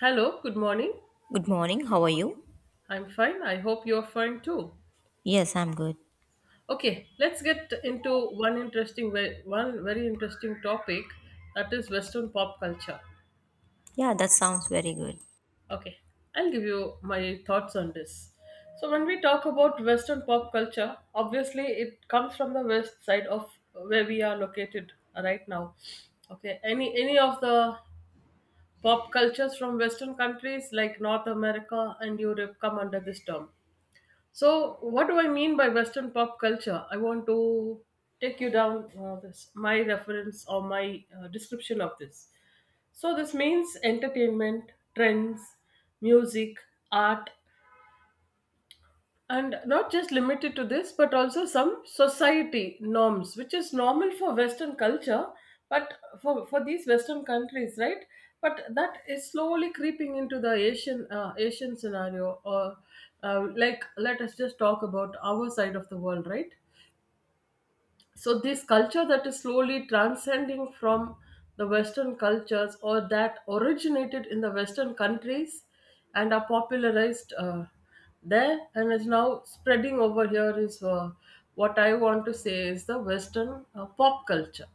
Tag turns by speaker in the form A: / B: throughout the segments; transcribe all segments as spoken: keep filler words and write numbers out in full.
A: Hello, good morning.
B: Good morning, how are you?
A: I'm fine. I hope you're fine too.
B: Yes, I'm good.
A: Okay, let's get into one interesting, ve- one very interesting topic, that is Western pop culture.
B: Yeah, that sounds very good.
A: Okay, I'll give you my thoughts on this. So, when we talk about Western pop culture, obviously it comes from the west side of where we are located right now. Okay, any any of the pop cultures from Western countries like North America and Europe come under this term. So, what do I mean by Western pop culture? I want to take you down uh, this, my reference or my uh, description of this. So, this means entertainment, trends, music, art, and not just limited to this but also some society norms which is normal for western culture, but for, for these western countries, right? But that is slowly creeping into the asian uh, asian scenario, or uh, like, let us just talk about our side of the world, right? So this culture that is slowly transcending from the western cultures, or that originated in the western countries and are popularized uh, there and is now spreading over here, is uh, what I want to say is the western uh, pop culture.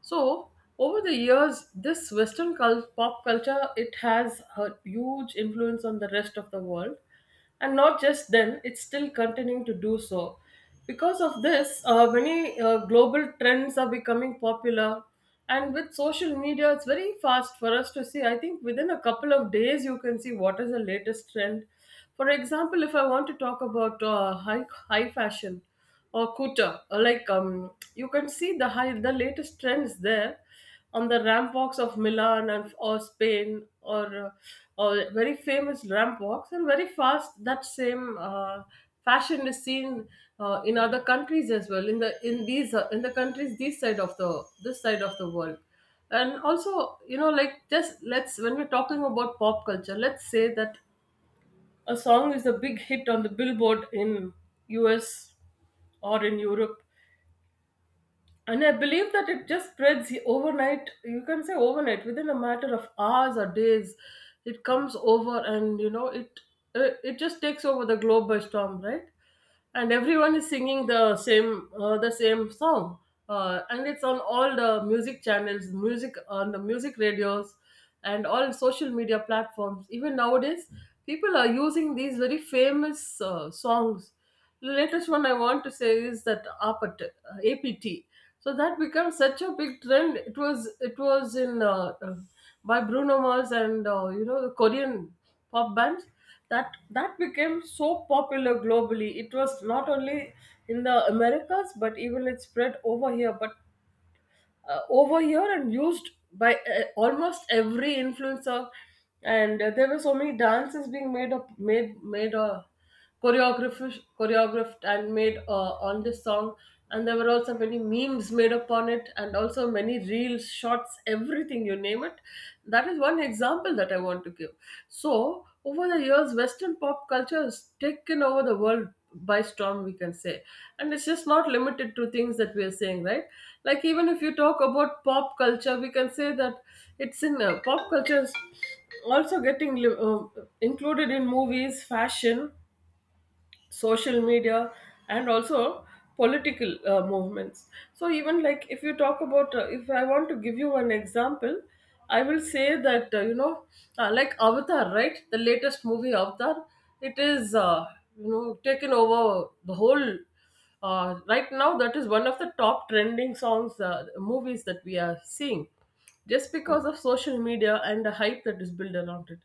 A: So over the years, this Western cul- pop culture, it has a huge influence on the rest of the world, and not just then; it's still continuing to do so. Because of this, uh, many uh, global trends are becoming popular, and with social media, it's very fast for us to see. I think within a couple of days, you can see what is the latest trend. For example, if I want to talk about uh, high high fashion or Kuta. Uh, Like um, you can see the high, the latest trends there on the ramp walks of Milan, and or Spain, or uh, or very famous ramp walks, and very fast that same uh, fashion is seen uh, in other countries as well, in the in these uh, in the countries this side of the this side of the world. And also, you know, like, just let's, when we're talking about pop culture, let's say that a song is a big hit on the Billboard in U S or in Europe, and I believe that it just spreads overnight. You can say overnight, within a matter of hours or days, it comes over, and you know it, uh, it just takes over the globe by storm, right? And everyone is singing the same uh, the same song, uh, and it's on all the music channels, music on the music radios, and all social media platforms. Even nowadays, people are using these very famous uh, songs. The latest one I want to say is that A P T. uh, A P T. So that becomes such a big trend. It was, it was in uh, uh, by Bruno Mars and uh, you know, the Korean pop bands. That that became so popular globally. It was not only in the Americas but even it spread over here. But uh, over here and used by uh, almost every influencer, and uh, there were so many dances being made up made made uh, choreographed, choreographed and made uh, on this song. And there were also many memes made upon it, and also many reels shots, everything you name it. That is one example that I want to give. So over the years, western pop culture has taken over the world by storm, we can say. And it's just not limited to things that we are saying, right? Like, even if you talk about pop culture, we can say that it's in uh, pop culture is also getting li- uh, included in movies, fashion, social media, and also political uh, movements. So even, like, if you talk about uh, if I want to give you an example, I will say that uh, you know, uh, like Avatar, right? The latest movie, Avatar. It is uh, you know, taken over the whole uh, right now. That is one of the top trending songs, uh, movies that we are seeing, just because of social media and the hype that is built around it.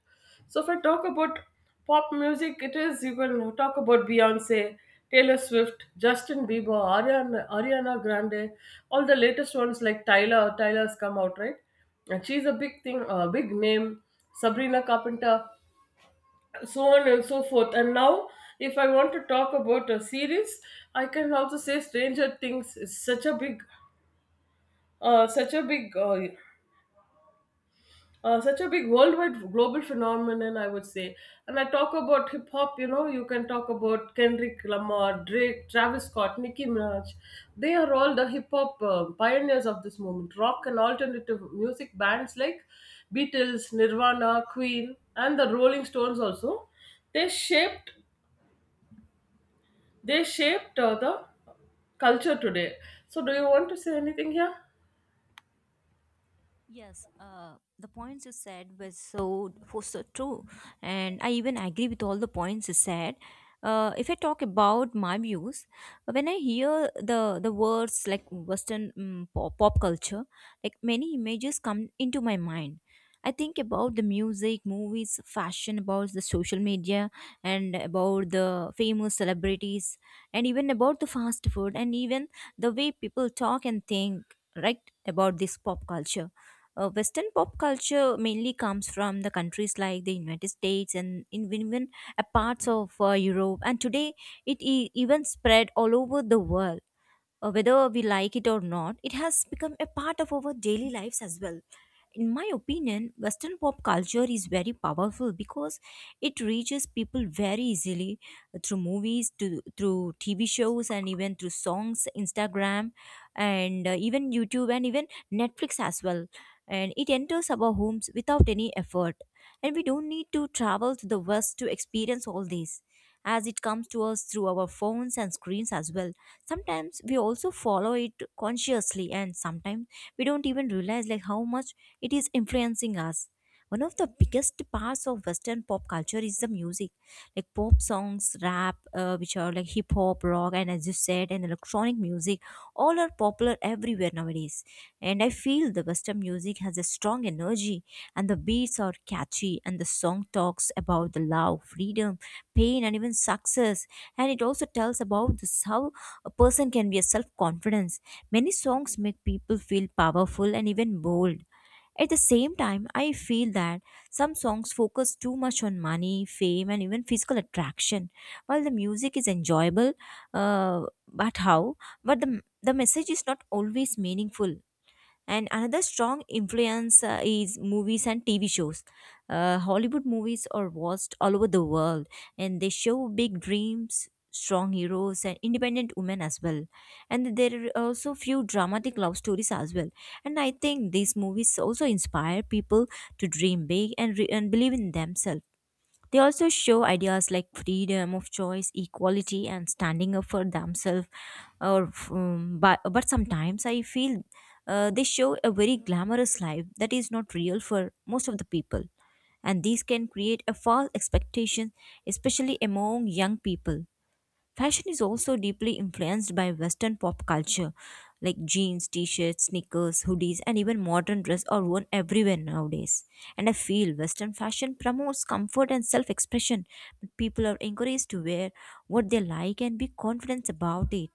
A: So, if I talk about pop music, it is, you can talk about Beyonce, Taylor Swift, Justin Bieber, Ariana, Ariana Grande, all the latest ones like Tyler. Tyler's come out, right, and she's a big thing, a big name. Sabrina Carpenter, so on and so forth. And now, if I want to talk about a series, I can also say Stranger Things is such a big, uh, such a big, uh, uh, such a big worldwide global phenomenon, I would say. And I talk about hip hop, you know, you can talk about Kendrick Lamar, Drake, Travis Scott, Nicki Minaj. They are all the hip hop uh, pioneers of this moment. Rock and alternative music bands like Beatles, Nirvana, Queen, and the Rolling Stones also they shaped they shaped uh, the culture today. So, do you want to say anything here?
B: Yes, uh, the points you said were so was so true, and I even agree with all the points you said. Uh, if I talk about my views, when I hear the the words like Western um, pop, pop culture, like many images come into my mind. I think about the music, movies, fashion, about the social media, and about the famous celebrities, and even about the fast food, and even the way people talk and think, right, about this pop culture, uh, Western pop culture mainly comes from the countries like the United States and in even uh, parts of uh, Europe, and today it e- even spread all over the world. Uh, whether we like it or not, it has become a part of our daily lives as well. In my opinion, Western pop culture is very powerful because it reaches people very easily through movies, to, through T V shows, and even through songs, Instagram, and uh, even YouTube, and even Netflix as well. And it enters our homes without any effort. And we don't need to travel to the West to experience all these, as it comes to us through our phones and screens as well. Sometimes we also follow it consciously, and sometimes we don't even realize like how much it is influencing us. One of the biggest parts of Western pop culture is the music, like pop songs, rap, uh, which are like hip hop, rock, and as you said, and electronic music. All are popular everywhere nowadays, and I feel the Western music has a strong energy, and the beats are catchy, and the song talks about the love, freedom, pain, and even success. And it also tells about this how a person can be a self-confidence. Many songs make people feel powerful and even bold. At the same time, I feel that some songs focus too much on money, fame, and even physical attraction. While the music is enjoyable, uh, but how? But the the message is not always meaningful. And another strong influence uh, is movies and TV shows. Uh, Hollywood movies are watched all over the world, and they show big dreams, strong heroes, and independent women as well. And there are also few dramatic love stories as well. And I think these movies also inspire people to dream big and, re- and believe in themselves. They also show ideas like freedom of choice, equality, and standing up for themselves. Or, um, but but sometimes I feel uh, they show a very glamorous life that is not real for most of the people, and these can create a false expectation, especially among young people. Fashion is also deeply influenced by Western pop culture, like jeans, t shirts, sneakers, hoodies, and even modern dress are worn everywhere nowadays. And I feel Western fashion promotes comfort and self expression, but people are encouraged to wear what they like and be confident about it.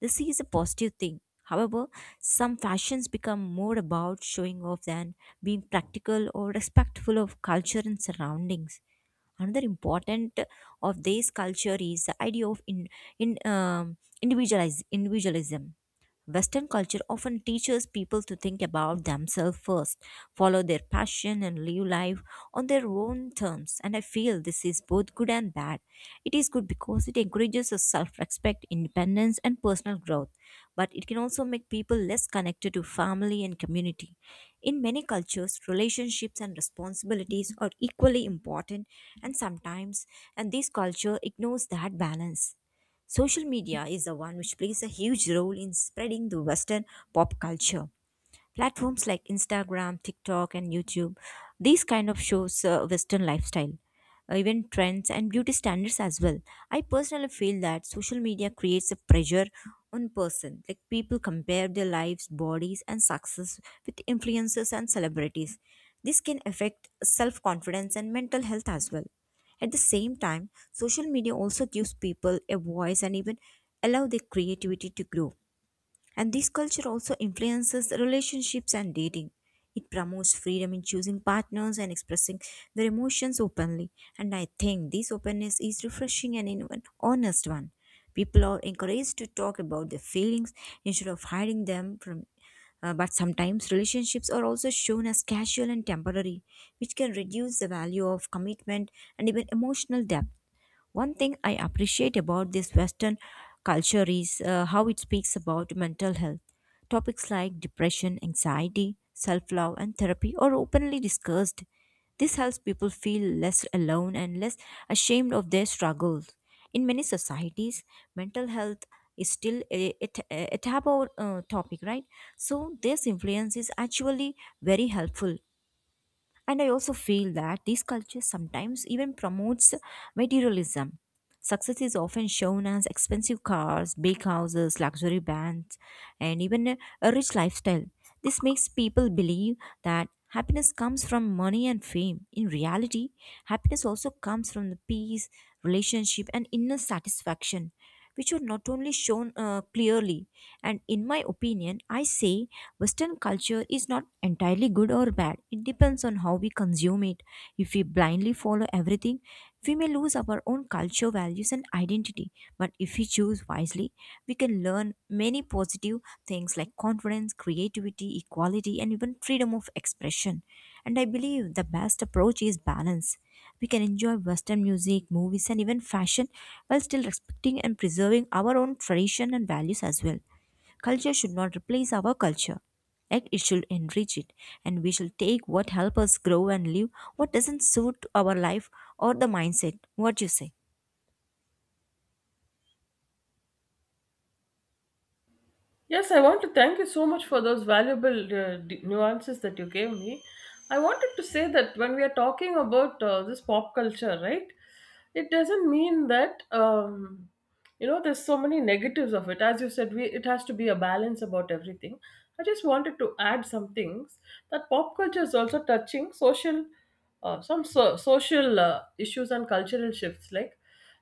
B: This is a positive thing. However, some fashions become more about showing off than being practical or respectful of culture and surroundings. Another important of this culture is the idea of in in um, individualize individualism. Western culture often teaches people to think about themselves first, follow their passion, and live life on their own terms. And I feel this is both good and bad. It is good because it encourages self respect, independence, and personal growth, but it can also make people less connected to family and community. In many cultures, relationships and responsibilities are equally important, and sometimes, and this culture ignores that balance. Social media is the one which plays a huge role in spreading the Western pop culture. Platforms like Instagram, TikTok, and YouTube, these kind of shows uh, Western lifestyle, uh, even trends and beauty standards as well. I personally feel that social media creates a pressure on person, like people compare their lives, bodies, and success with influencers and celebrities. This can affect self confidence and mental health as well. At the same time, social media also gives people a voice and even allow their creativity to grow. And this culture also influences relationships and dating. It promotes freedom in choosing partners and expressing their emotions openly. And I think this openness is refreshing and in an honest one. People are encouraged to talk about their feelings instead of hiding them from. Uh, but sometimes relationships are also shown as casual and temporary, which can reduce the value of commitment and even emotional depth. One thing I appreciate about this Western culture is uh, how it speaks about mental health. Topics like depression, anxiety, self love, and therapy are openly discussed. This helps people feel less alone and less ashamed of their struggles. In many societies, mental health is still a, a, t- a taboo uh, topic, right? So, this influence is actually very helpful. And I also feel that these cultures sometimes even promotes materialism. Success is often shown as expensive cars, big houses, luxury bands, and even a, a rich lifestyle. This makes people believe that happiness comes from money and fame. In reality, happiness also comes from the peace, relationship, and inner satisfaction, which are not only shown uh, clearly. And in my opinion, I say Western culture is not entirely good or bad. It depends on how we consume it. If we blindly follow everything, we may lose our own culture, values, and identity. But if we choose wisely, we can learn many positive things like confidence, creativity, equality, and even freedom of expression. And I believe the best approach is balance. We can enjoy Western music, movies, and even fashion while still respecting and preserving our own tradition and values as well. Culture should not replace our culture. Yet it should enrich it, and we should take what helps us grow and live what doesn't suit our life or the mindset. What you say?
A: Yes, I want to thank you so much for those valuable uh, d- nuances that you gave me. I wanted to say that when we are talking about uh, this pop culture, right, it doesn't mean that um, you know, there's so many negatives of it. As you said, we, it has to be a balance about everything. I just wanted to add some things, that pop culture is also touching social, uh, some so- social uh, issues and cultural shifts. Like,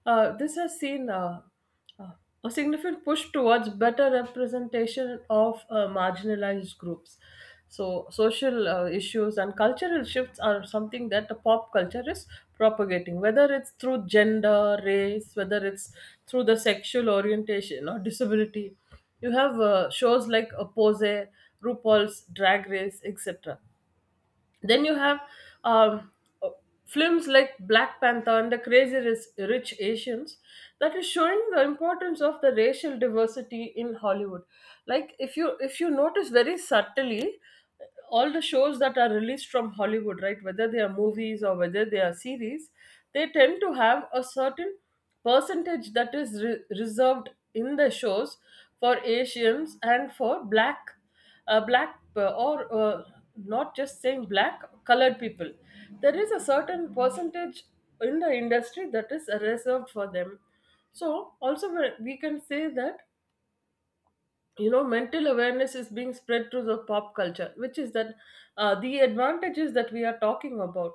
A: uh, this has seen Uh, uh, a significant push towards better representation of uh, marginalized groups. So, social uh, issues and cultural shifts are something that the pop culture is propagating, whether it's through gender, race, whether it's through the sexual orientation or disability. You have uh, shows like uh, Pose, RuPaul's Drag Race, etc. Then you have um, uh, films like Black Panther and the crazy Ris- Rich Asians, that is showing the importance of the racial diversity in Hollywood. Like, if you if you notice very subtly, all the shows that are released from Hollywood, right, whether they are movies or whether they are series, they tend to have a certain percentage that is re- reserved in the shows for asians and for black, uh, black uh, or uh, not just saying black colored people. There is a certain percentage in the industry that is reserved for them. So also, we we can say that, you know, mental awareness is being spread through the pop culture, which is that, uh, the advantages that we are talking about.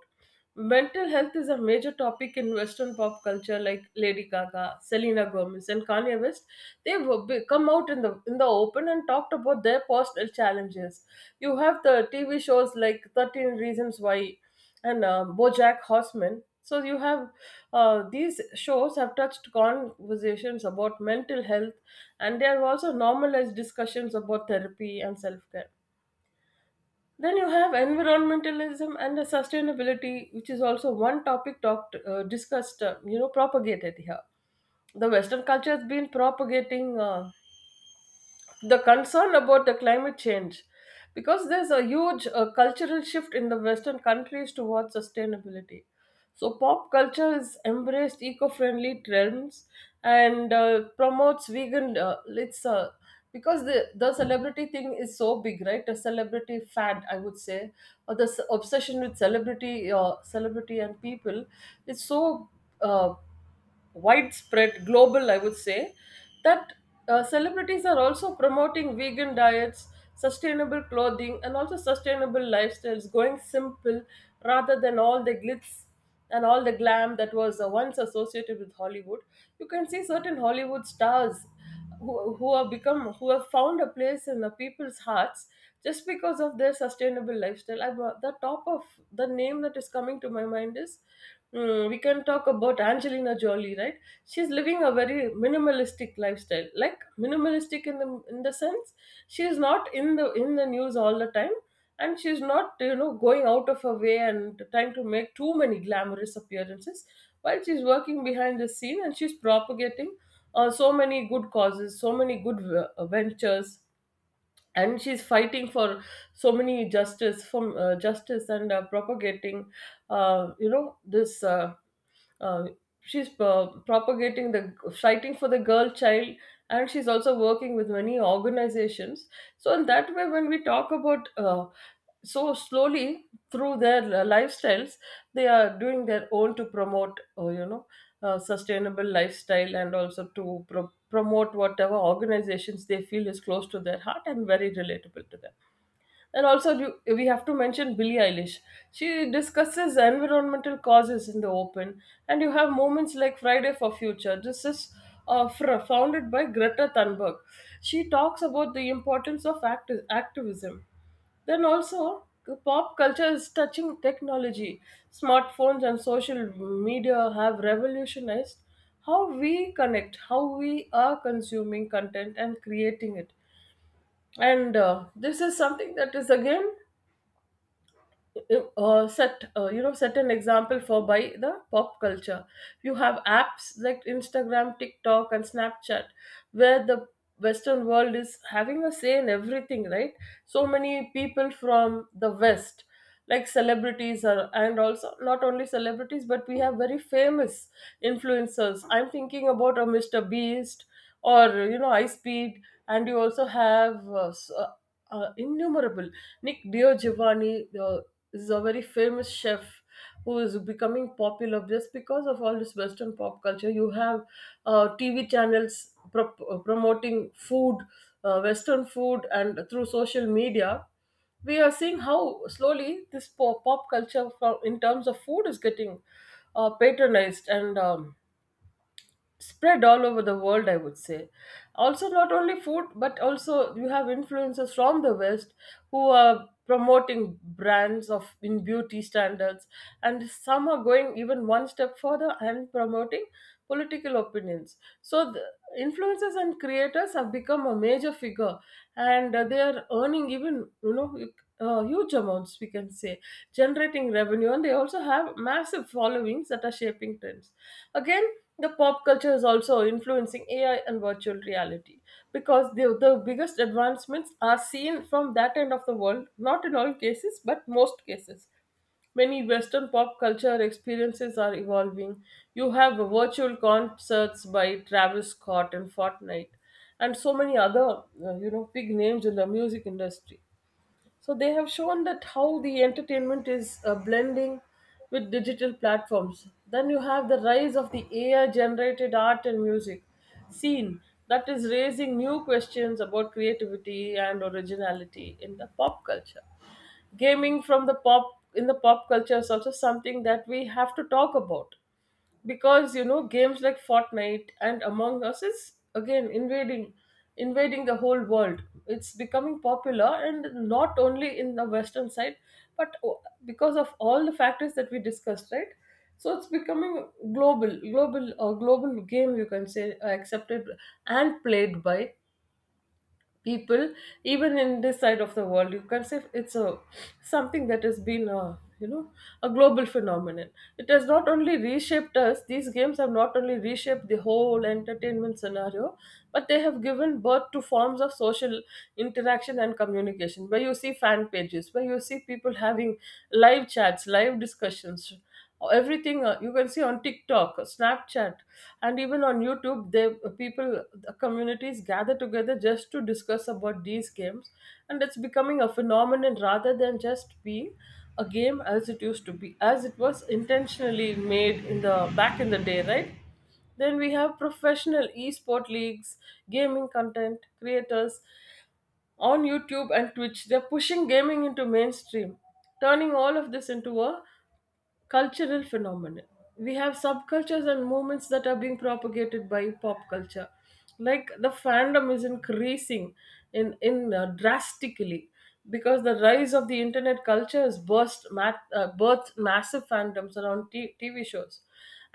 A: Mental health is a major topic in western pop culture. Like Lady Gaga, Selena Gomez, and Kanye West, they've be- come out in the in the open and talked about their personal challenges. You have the tv shows like thirteen Reasons Why and uh, BoJack Horseman. So you have uh, these shows have touched conversations about mental health, and they have also normalized discussions about therapy and self care. Then you have environmentalism and the sustainability, which is also one topic talked uh, discussed, uh, you know, propagated here. The Western culture has been propagating uh, the concern about the climate change, because there's a huge uh, cultural shift in the western countries towards sustainability. So pop culture has embraced eco-friendly trends and uh, promotes vegan, uh, it's uh, because the, the celebrity thing is so big, right? A celebrity fad, I would say, or the s- obsession with celebrity, uh, celebrity and people is so uh, widespread, global, I would say, that uh, celebrities are also promoting vegan diets, sustainable clothing, and also sustainable lifestyles, going simple, rather than all the glitz and all the glam that was uh, once associated with Hollywood. You can see certain Hollywood stars who, who have become, who have found a place in the people's hearts, just because of their sustainable lifestyle. I, the top of the name that is coming to my mind is, mm, we can talk about Angelina Jolie, right? She's living a very minimalistic lifestyle, like minimalistic in the in the sense, she is not in the in the news all the time. And she's not, you know, going out of her way and trying to make too many glamorous appearances, while she's working behind the scene, and she's propagating uh, so many good causes, so many good v- ventures, and she's fighting for so many justice, from uh, justice, and uh, propagating, uh, you know, this uh, uh, she's uh, propagating the, fighting for the girl child, and she's also working with many organizations. So in that way, when we talk about, uh, so slowly through their uh, lifestyles, they are doing their own to promote, uh, you know, uh, sustainable lifestyle, and also to pro- promote whatever organizations they feel is close to their heart and very relatable to them. And also, do- we have to mention Billie Eilish. She discusses environmental causes in the open, and you have moments like Friday for Future. This is uh, fr- founded by Greta Thunberg. She talks about the importance of act activism. Then also, the pop culture is touching technology. Smartphones and social media have revolutionized how we connect, how we are consuming content and creating it. And uh, this is something that is again uh, set uh, you know set an example for by the pop culture. You have apps like Instagram, TikTok and Snapchat, where the Western world is having a say in everything, right? So many people from the west like celebrities are, and also not only celebrities, but we have very famous influencers. I'm thinking about a Mr. Beast or you know Ice Speed. And you also have uh, s- uh, uh, innumerable. Nick DiGiovanni uh, is a very famous chef who is becoming popular just because of all this Western pop culture. You have uh, T V channels pro- uh, promoting food, uh, Western food, and through social media. We are seeing how slowly this pop, pop culture, from, in terms of food, is getting uh, patronized, and um, spread all over the world, I would say. Also, not only food, but also you have influencers from the west who are promoting brands of in beauty standards, and some are going even one step further and promoting political opinions. So the influencers and creators have become a major figure, and uh, they are earning, even you know you- uh, huge amounts we can say, generating revenue, and they also have massive followings that are shaping trends. Again, the pop culture is also influencing A I and virtual reality, because the, the biggest advancements are seen from that end of the world, not in all cases, but most cases. Many Western pop culture experiences are evolving. You have virtual concerts by Travis Scott and Fortnite, and so many other, uh, you know, big names in the music industry. So they have shown that how the entertainment is uh, blending with digital platforms. Then you have the rise of the A I generated art and music scene that is raising new questions about creativity and originality in the pop culture. Gaming from the pop in the pop culture is also something that we have to talk about, because you know, games like Fortnite and Among Us is again invading invading the whole world. It's becoming popular, and not only in the western side, but o- because of all the factors that we discussed, right? So it's becoming global, global, or global game you can say, uh, accepted and played by people even in this side of the world. You can say it's a something that has been a you know a global phenomenon. It has not only reshaped us These games have not only reshaped the whole entertainment scenario, but they have given birth to forms of social interaction and communication, where you see fan pages, where you see people having live chats, live discussions, everything uh, you can see on TikTok, Snapchat, and even on YouTube. They uh, people the communities gather together just to discuss about these games, and it's becoming a phenomenon rather than just being a game as it used to be, as it was intentionally made in the back in the day, right? Then we have professional esport leagues, gaming content creators on YouTube and Twitch. They're pushing gaming into mainstream, turning all of this into a cultural phenomenon. We have subcultures and movements that are being propagated by pop culture. Like the fandom is increasing in in uh, drastically, because the rise of the internet culture has burst ma- uh, birthed massive fandoms around t- TV shows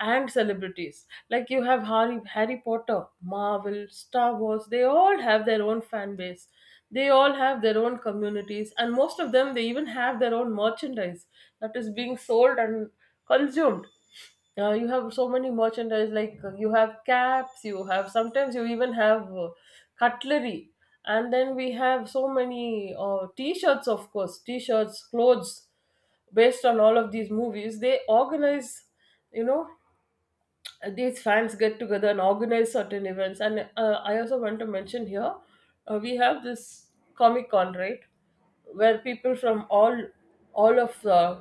A: and celebrities. Like you have harry Harry Potter, Marvel, Star Wars. They all have their own fan base, they all have their own communities, and most of them, they even have their own merchandise that is being sold and consumed. Uh, you have so many merchandise, like uh, you have caps, you have sometimes you even have uh, cutlery, and then we have so many uh, t-shirts, of course, t-shirts, clothes based on all of these movies. They organize, you know these fans get together and organize certain events. And uh, I also want to mention here uh, we have this Comic Con, right? Where people from all all of uh,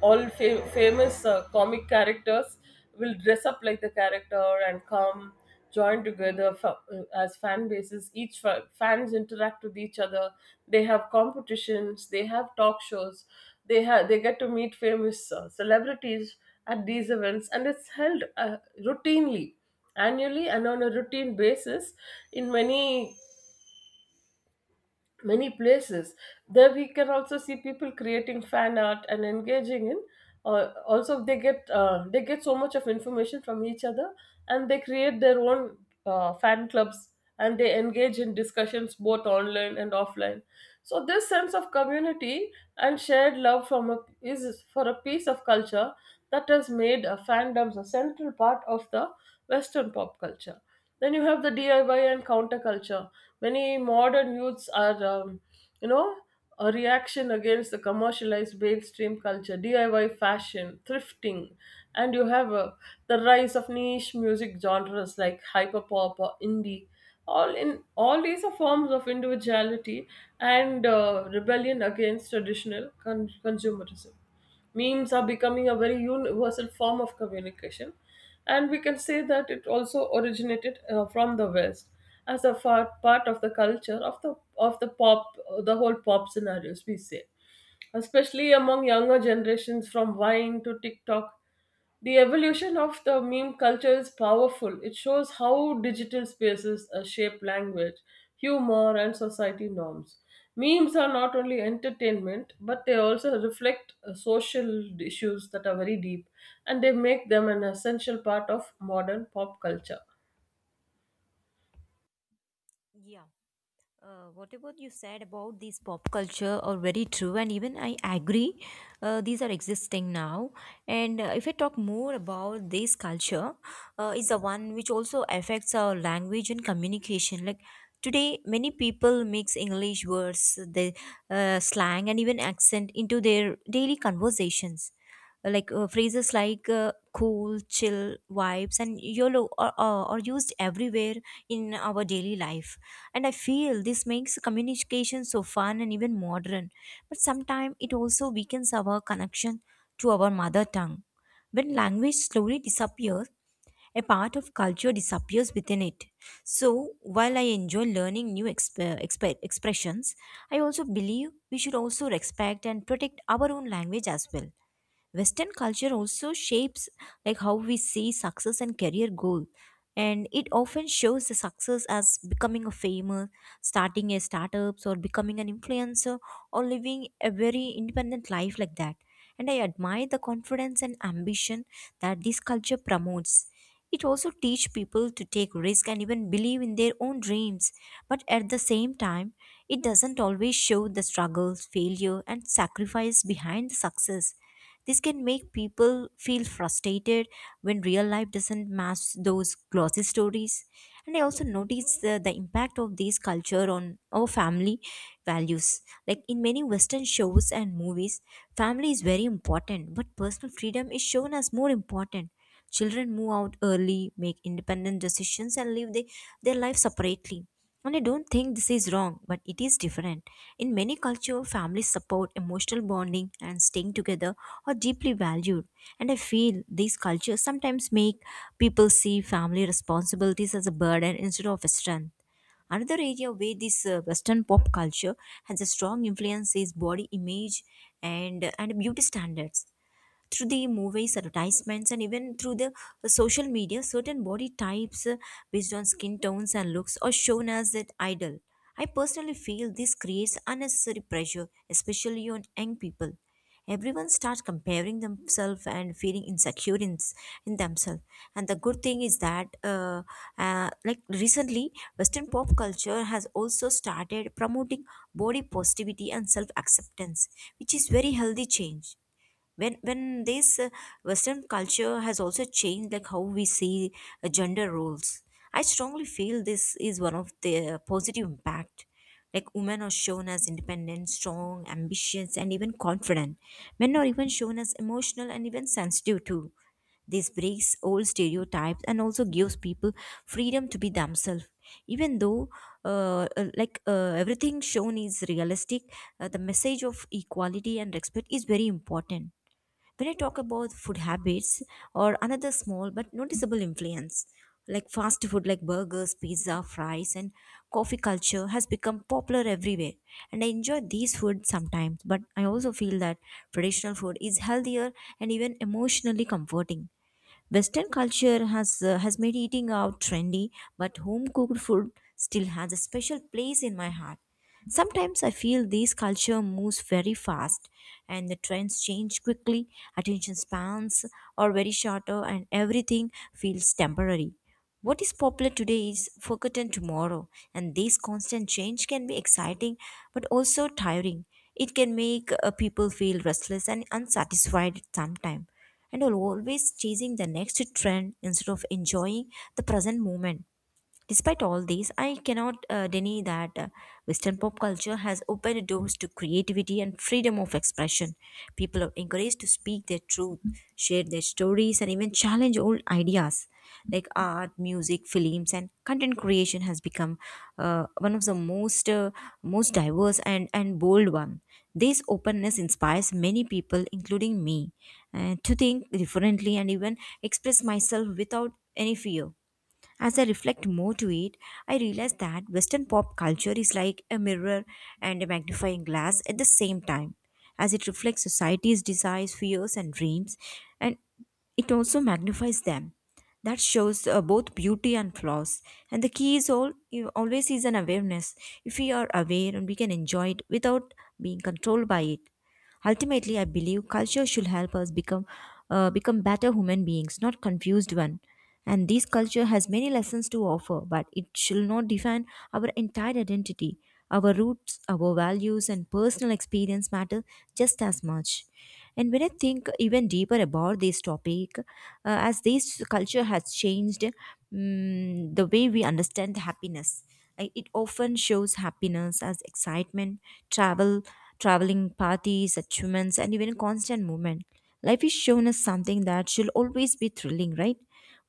A: all fa- famous uh, comic characters will dress up like the character and come join together, fa- uh, as fan bases, each fa- fans interact with each other. They have competitions, they have talk shows, they have, they get to meet famous uh, celebrities at these events, and it's held uh, routinely annually and on a routine basis in many many places. There we can also see people creating fan art and engaging in uh, also they get uh, they get so much of information from each other, and they create their own uh, fan clubs, and they engage in discussions both online and offline. So this sense of community and shared love from a is for a piece of culture, that has made uh, fandoms a central part of the Western pop culture. Then you have the D I Y and counterculture. Many modern youths are, um, you know, a reaction against the commercialized mainstream culture, D I Y fashion, thrifting, and you have uh, the rise of niche music genres like hyperpop or indie. All in all, these are forms of individuality and uh, rebellion against traditional con- consumerism. Memes are becoming a very universal form of communication, and we can say that it also originated uh, from the west as a far part of the culture of the of the pop uh, the whole pop scenarios we say, especially among younger generations, from Vine to TikTok. The evolution of the meme culture is powerful. It shows how digital spaces uh, shape language, humor, and society norms. Memes are not only entertainment, but they also reflect uh, social issues that are very deep, and they make them an essential part of modern pop culture.
B: Yeah. Uh, whatever you said about these pop culture are very true, and even I agree. Uh, these are existing now, and uh, if I talk more about this culture, uh, is the one which also affects our language and communication. Like today, many people mix English words, the uh, slang, and even accent into their daily conversations. Like uh, phrases like uh, cool, chill, vibes, and YOLO are, are are used everywhere in our daily life. And I feel this makes communication so fun and even modern, but sometimes it also weakens our connection to our mother tongue. When language slowly disappears, a part of culture disappears within it. So, while I enjoy learning new exp- exp- expressions, I also believe we should also respect and protect our own language as well. Western culture also shapes like how we see success and career goal. And it often shows the success as becoming a famous, starting a startups, or becoming an influencer, or living a very independent life like that. And I admire the confidence and ambition that this culture promotes. It also teach people to take risk and even believe in their own dreams. But at the same time, it doesn't always show the struggles, failure, and sacrifice behind the success. This can make people feel frustrated when real life doesn't match those glossy stories. And I also noticed the, the impact of this culture on our family values. Like in many Western shows and movies, family is very important, but personal freedom is shown as more important. Children move out early, make independent decisions, and live they, their life separately. And I don't think this is wrong, but it is different. In many cultures, families support emotional bonding and staying together are deeply valued. And I feel these cultures sometimes make people see family responsibilities as a burden instead of a strength. Another area where this uh, Western pop culture has a strong influence is body image and, and beauty standards. Through the movies, advertisements, and even through the uh, social media, certain body types uh, based on skin tones and looks are shown as an idol. I personally feel this creates unnecessary pressure, especially on young people. Everyone starts comparing themselves and feeling insecure in, s- in themselves. And the good thing is that uh, uh, like recently, Western pop culture has also started promoting body positivity and self acceptance, which is very healthy change. When when this uh, Western culture has also changed like how we see uh, gender roles, I strongly feel this is one of the uh, positive impact. Like women are shown as independent, strong, ambitious, and even confident. Men are even shown as emotional and even sensitive too. This breaks old stereotypes and also gives people freedom to be themselves. Even though, uh, uh, like uh, everything shown is realistic, uh, the message of equality and respect is very important. When I talk about food habits or another small but noticeable influence, like fast food like burgers, pizza, fries, and coffee culture has become popular everywhere. And I enjoy these food sometimes, but I also feel that traditional food is healthier and even emotionally comforting. Western culture has uh, has made eating out trendy, but home cooked food still has a special place in my heart. Sometimes I feel these culture moves very fast and the trends change quickly, attention spans are very shorter and everything feels temporary. What is popular today is forgotten tomorrow and this constant change can be exciting but also tiring. It can make uh, people feel restless and unsatisfied sometimes and are always chasing the next trend instead of enjoying the present moment. Despite all these, I cannot uh, deny that uh, Western pop culture has opened doors to creativity and freedom of expression. People are encouraged to speak their truth, share their stories, and even challenge old ideas. Like art, music, films, and content creation has become uh, one of the most uh, most diverse and and bold one. This openness inspires many people, including me, uh, to think differently and even express myself without any fear. As I reflect more to it, I realize that Western pop culture is like a mirror and a magnifying glass at the same time, as it reflects society's desires, fears, and dreams, and it also magnifies them. That shows uh, both beauty and flaws. And the key is all you always is an awareness. If we are aware and we can enjoy it without being controlled by it. Ultimately, I believe culture should help us become uh, become better human beings, not confused one. And this culture has many lessons to offer, but it shall not define our entire identity. Our roots, our values, and personal experience matter just as much. And when I think even deeper about this topic, uh, as this culture has changed mm, the way we understand happiness, I- it often shows happiness as excitement, travel, traveling parties, achievements, and even constant movement. Life is shown as something that should always be thrilling, right?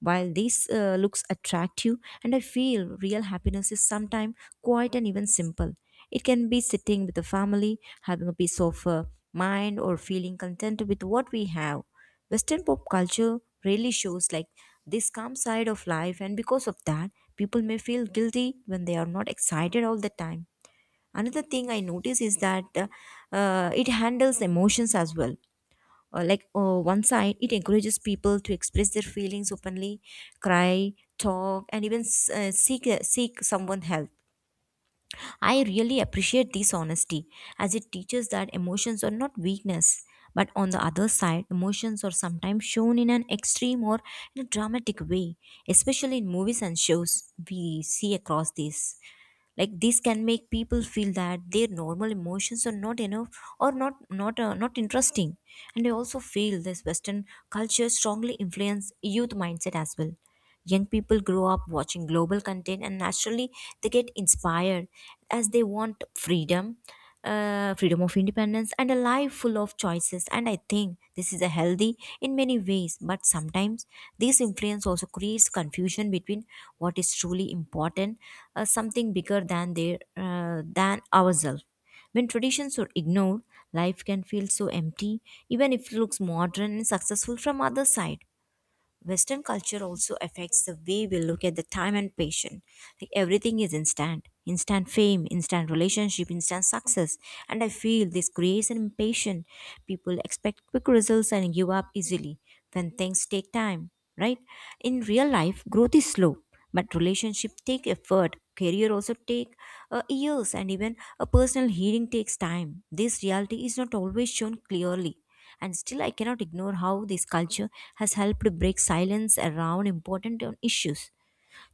B: While this uh, looks attractive, and I feel real happiness is sometimes quiet and even simple. It can be sitting with the family, having a peace of uh, mind, or feeling content with what we have. Western pop culture really shows like this calm side of life, and because of that, people may feel guilty when they are not excited all the time. Another thing I notice is that uh, uh, it handles emotions as well. Uh, like uh, one side, it encourages people to express their feelings openly, cry, talk, and even s- uh, seek uh, seek someone help. I really appreciate this honesty as it teaches that emotions are not weakness. But on the other side, emotions are sometimes shown in an extreme or in a dramatic way, especially in movies and shows we see across this, like this can make people feel that their normal emotions are not enough or not not uh, not interesting. And I also feel this Western culture strongly influence youth mindset as well. Young people grow up watching global content and naturally they get inspired as they want freedom, uh, freedom of independence, and a life full of choices. And I think this is a healthy in many ways, but sometimes this influence also creates confusion between what is truly important, uh, something bigger than their uh, than ourselves. When traditions are ignored, life can feel so empty, even if it looks modern and successful from other side. Western culture also affects the way we look at the time and patience. Like everything is instant, instant fame, instant relationship, instant success. And I feel this creates an impatience. People expect quick results and give up easily when things take time, right? In real life, growth is slow, but relationship take effort. Career also take uh, years, and even a personal healing takes time. This reality is not always shown clearly. And still, I cannot ignore how this culture has helped break silence around important issues.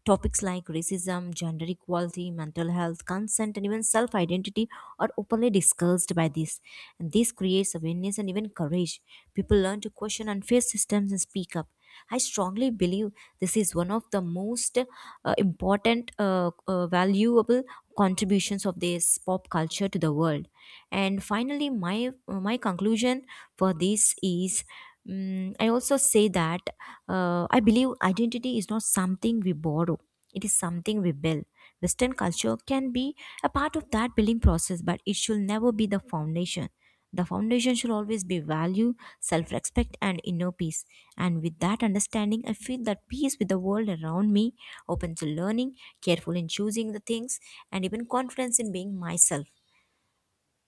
B: Topics like racism, gender equality, mental health, consent, and even self identity are openly discussed by this. And this creates awareness and even courage. People learn to question unfair systems and speak up. I strongly believe this is one of the most uh, important, uh, uh, valuable contributions of this pop culture to the world. And finally, my my conclusion for this is, Mm, I also say that uh, I believe identity is not something we borrow, it is something we build. Western culture can be a part of that building process, but it should never be the foundation. The foundation should always be value, self respect, and inner peace. And with that understanding, I feel that peace with the world around me, open to learning, careful in choosing the things, and even confidence in being myself.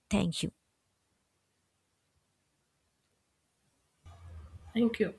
B: Thank you.
A: Thank you.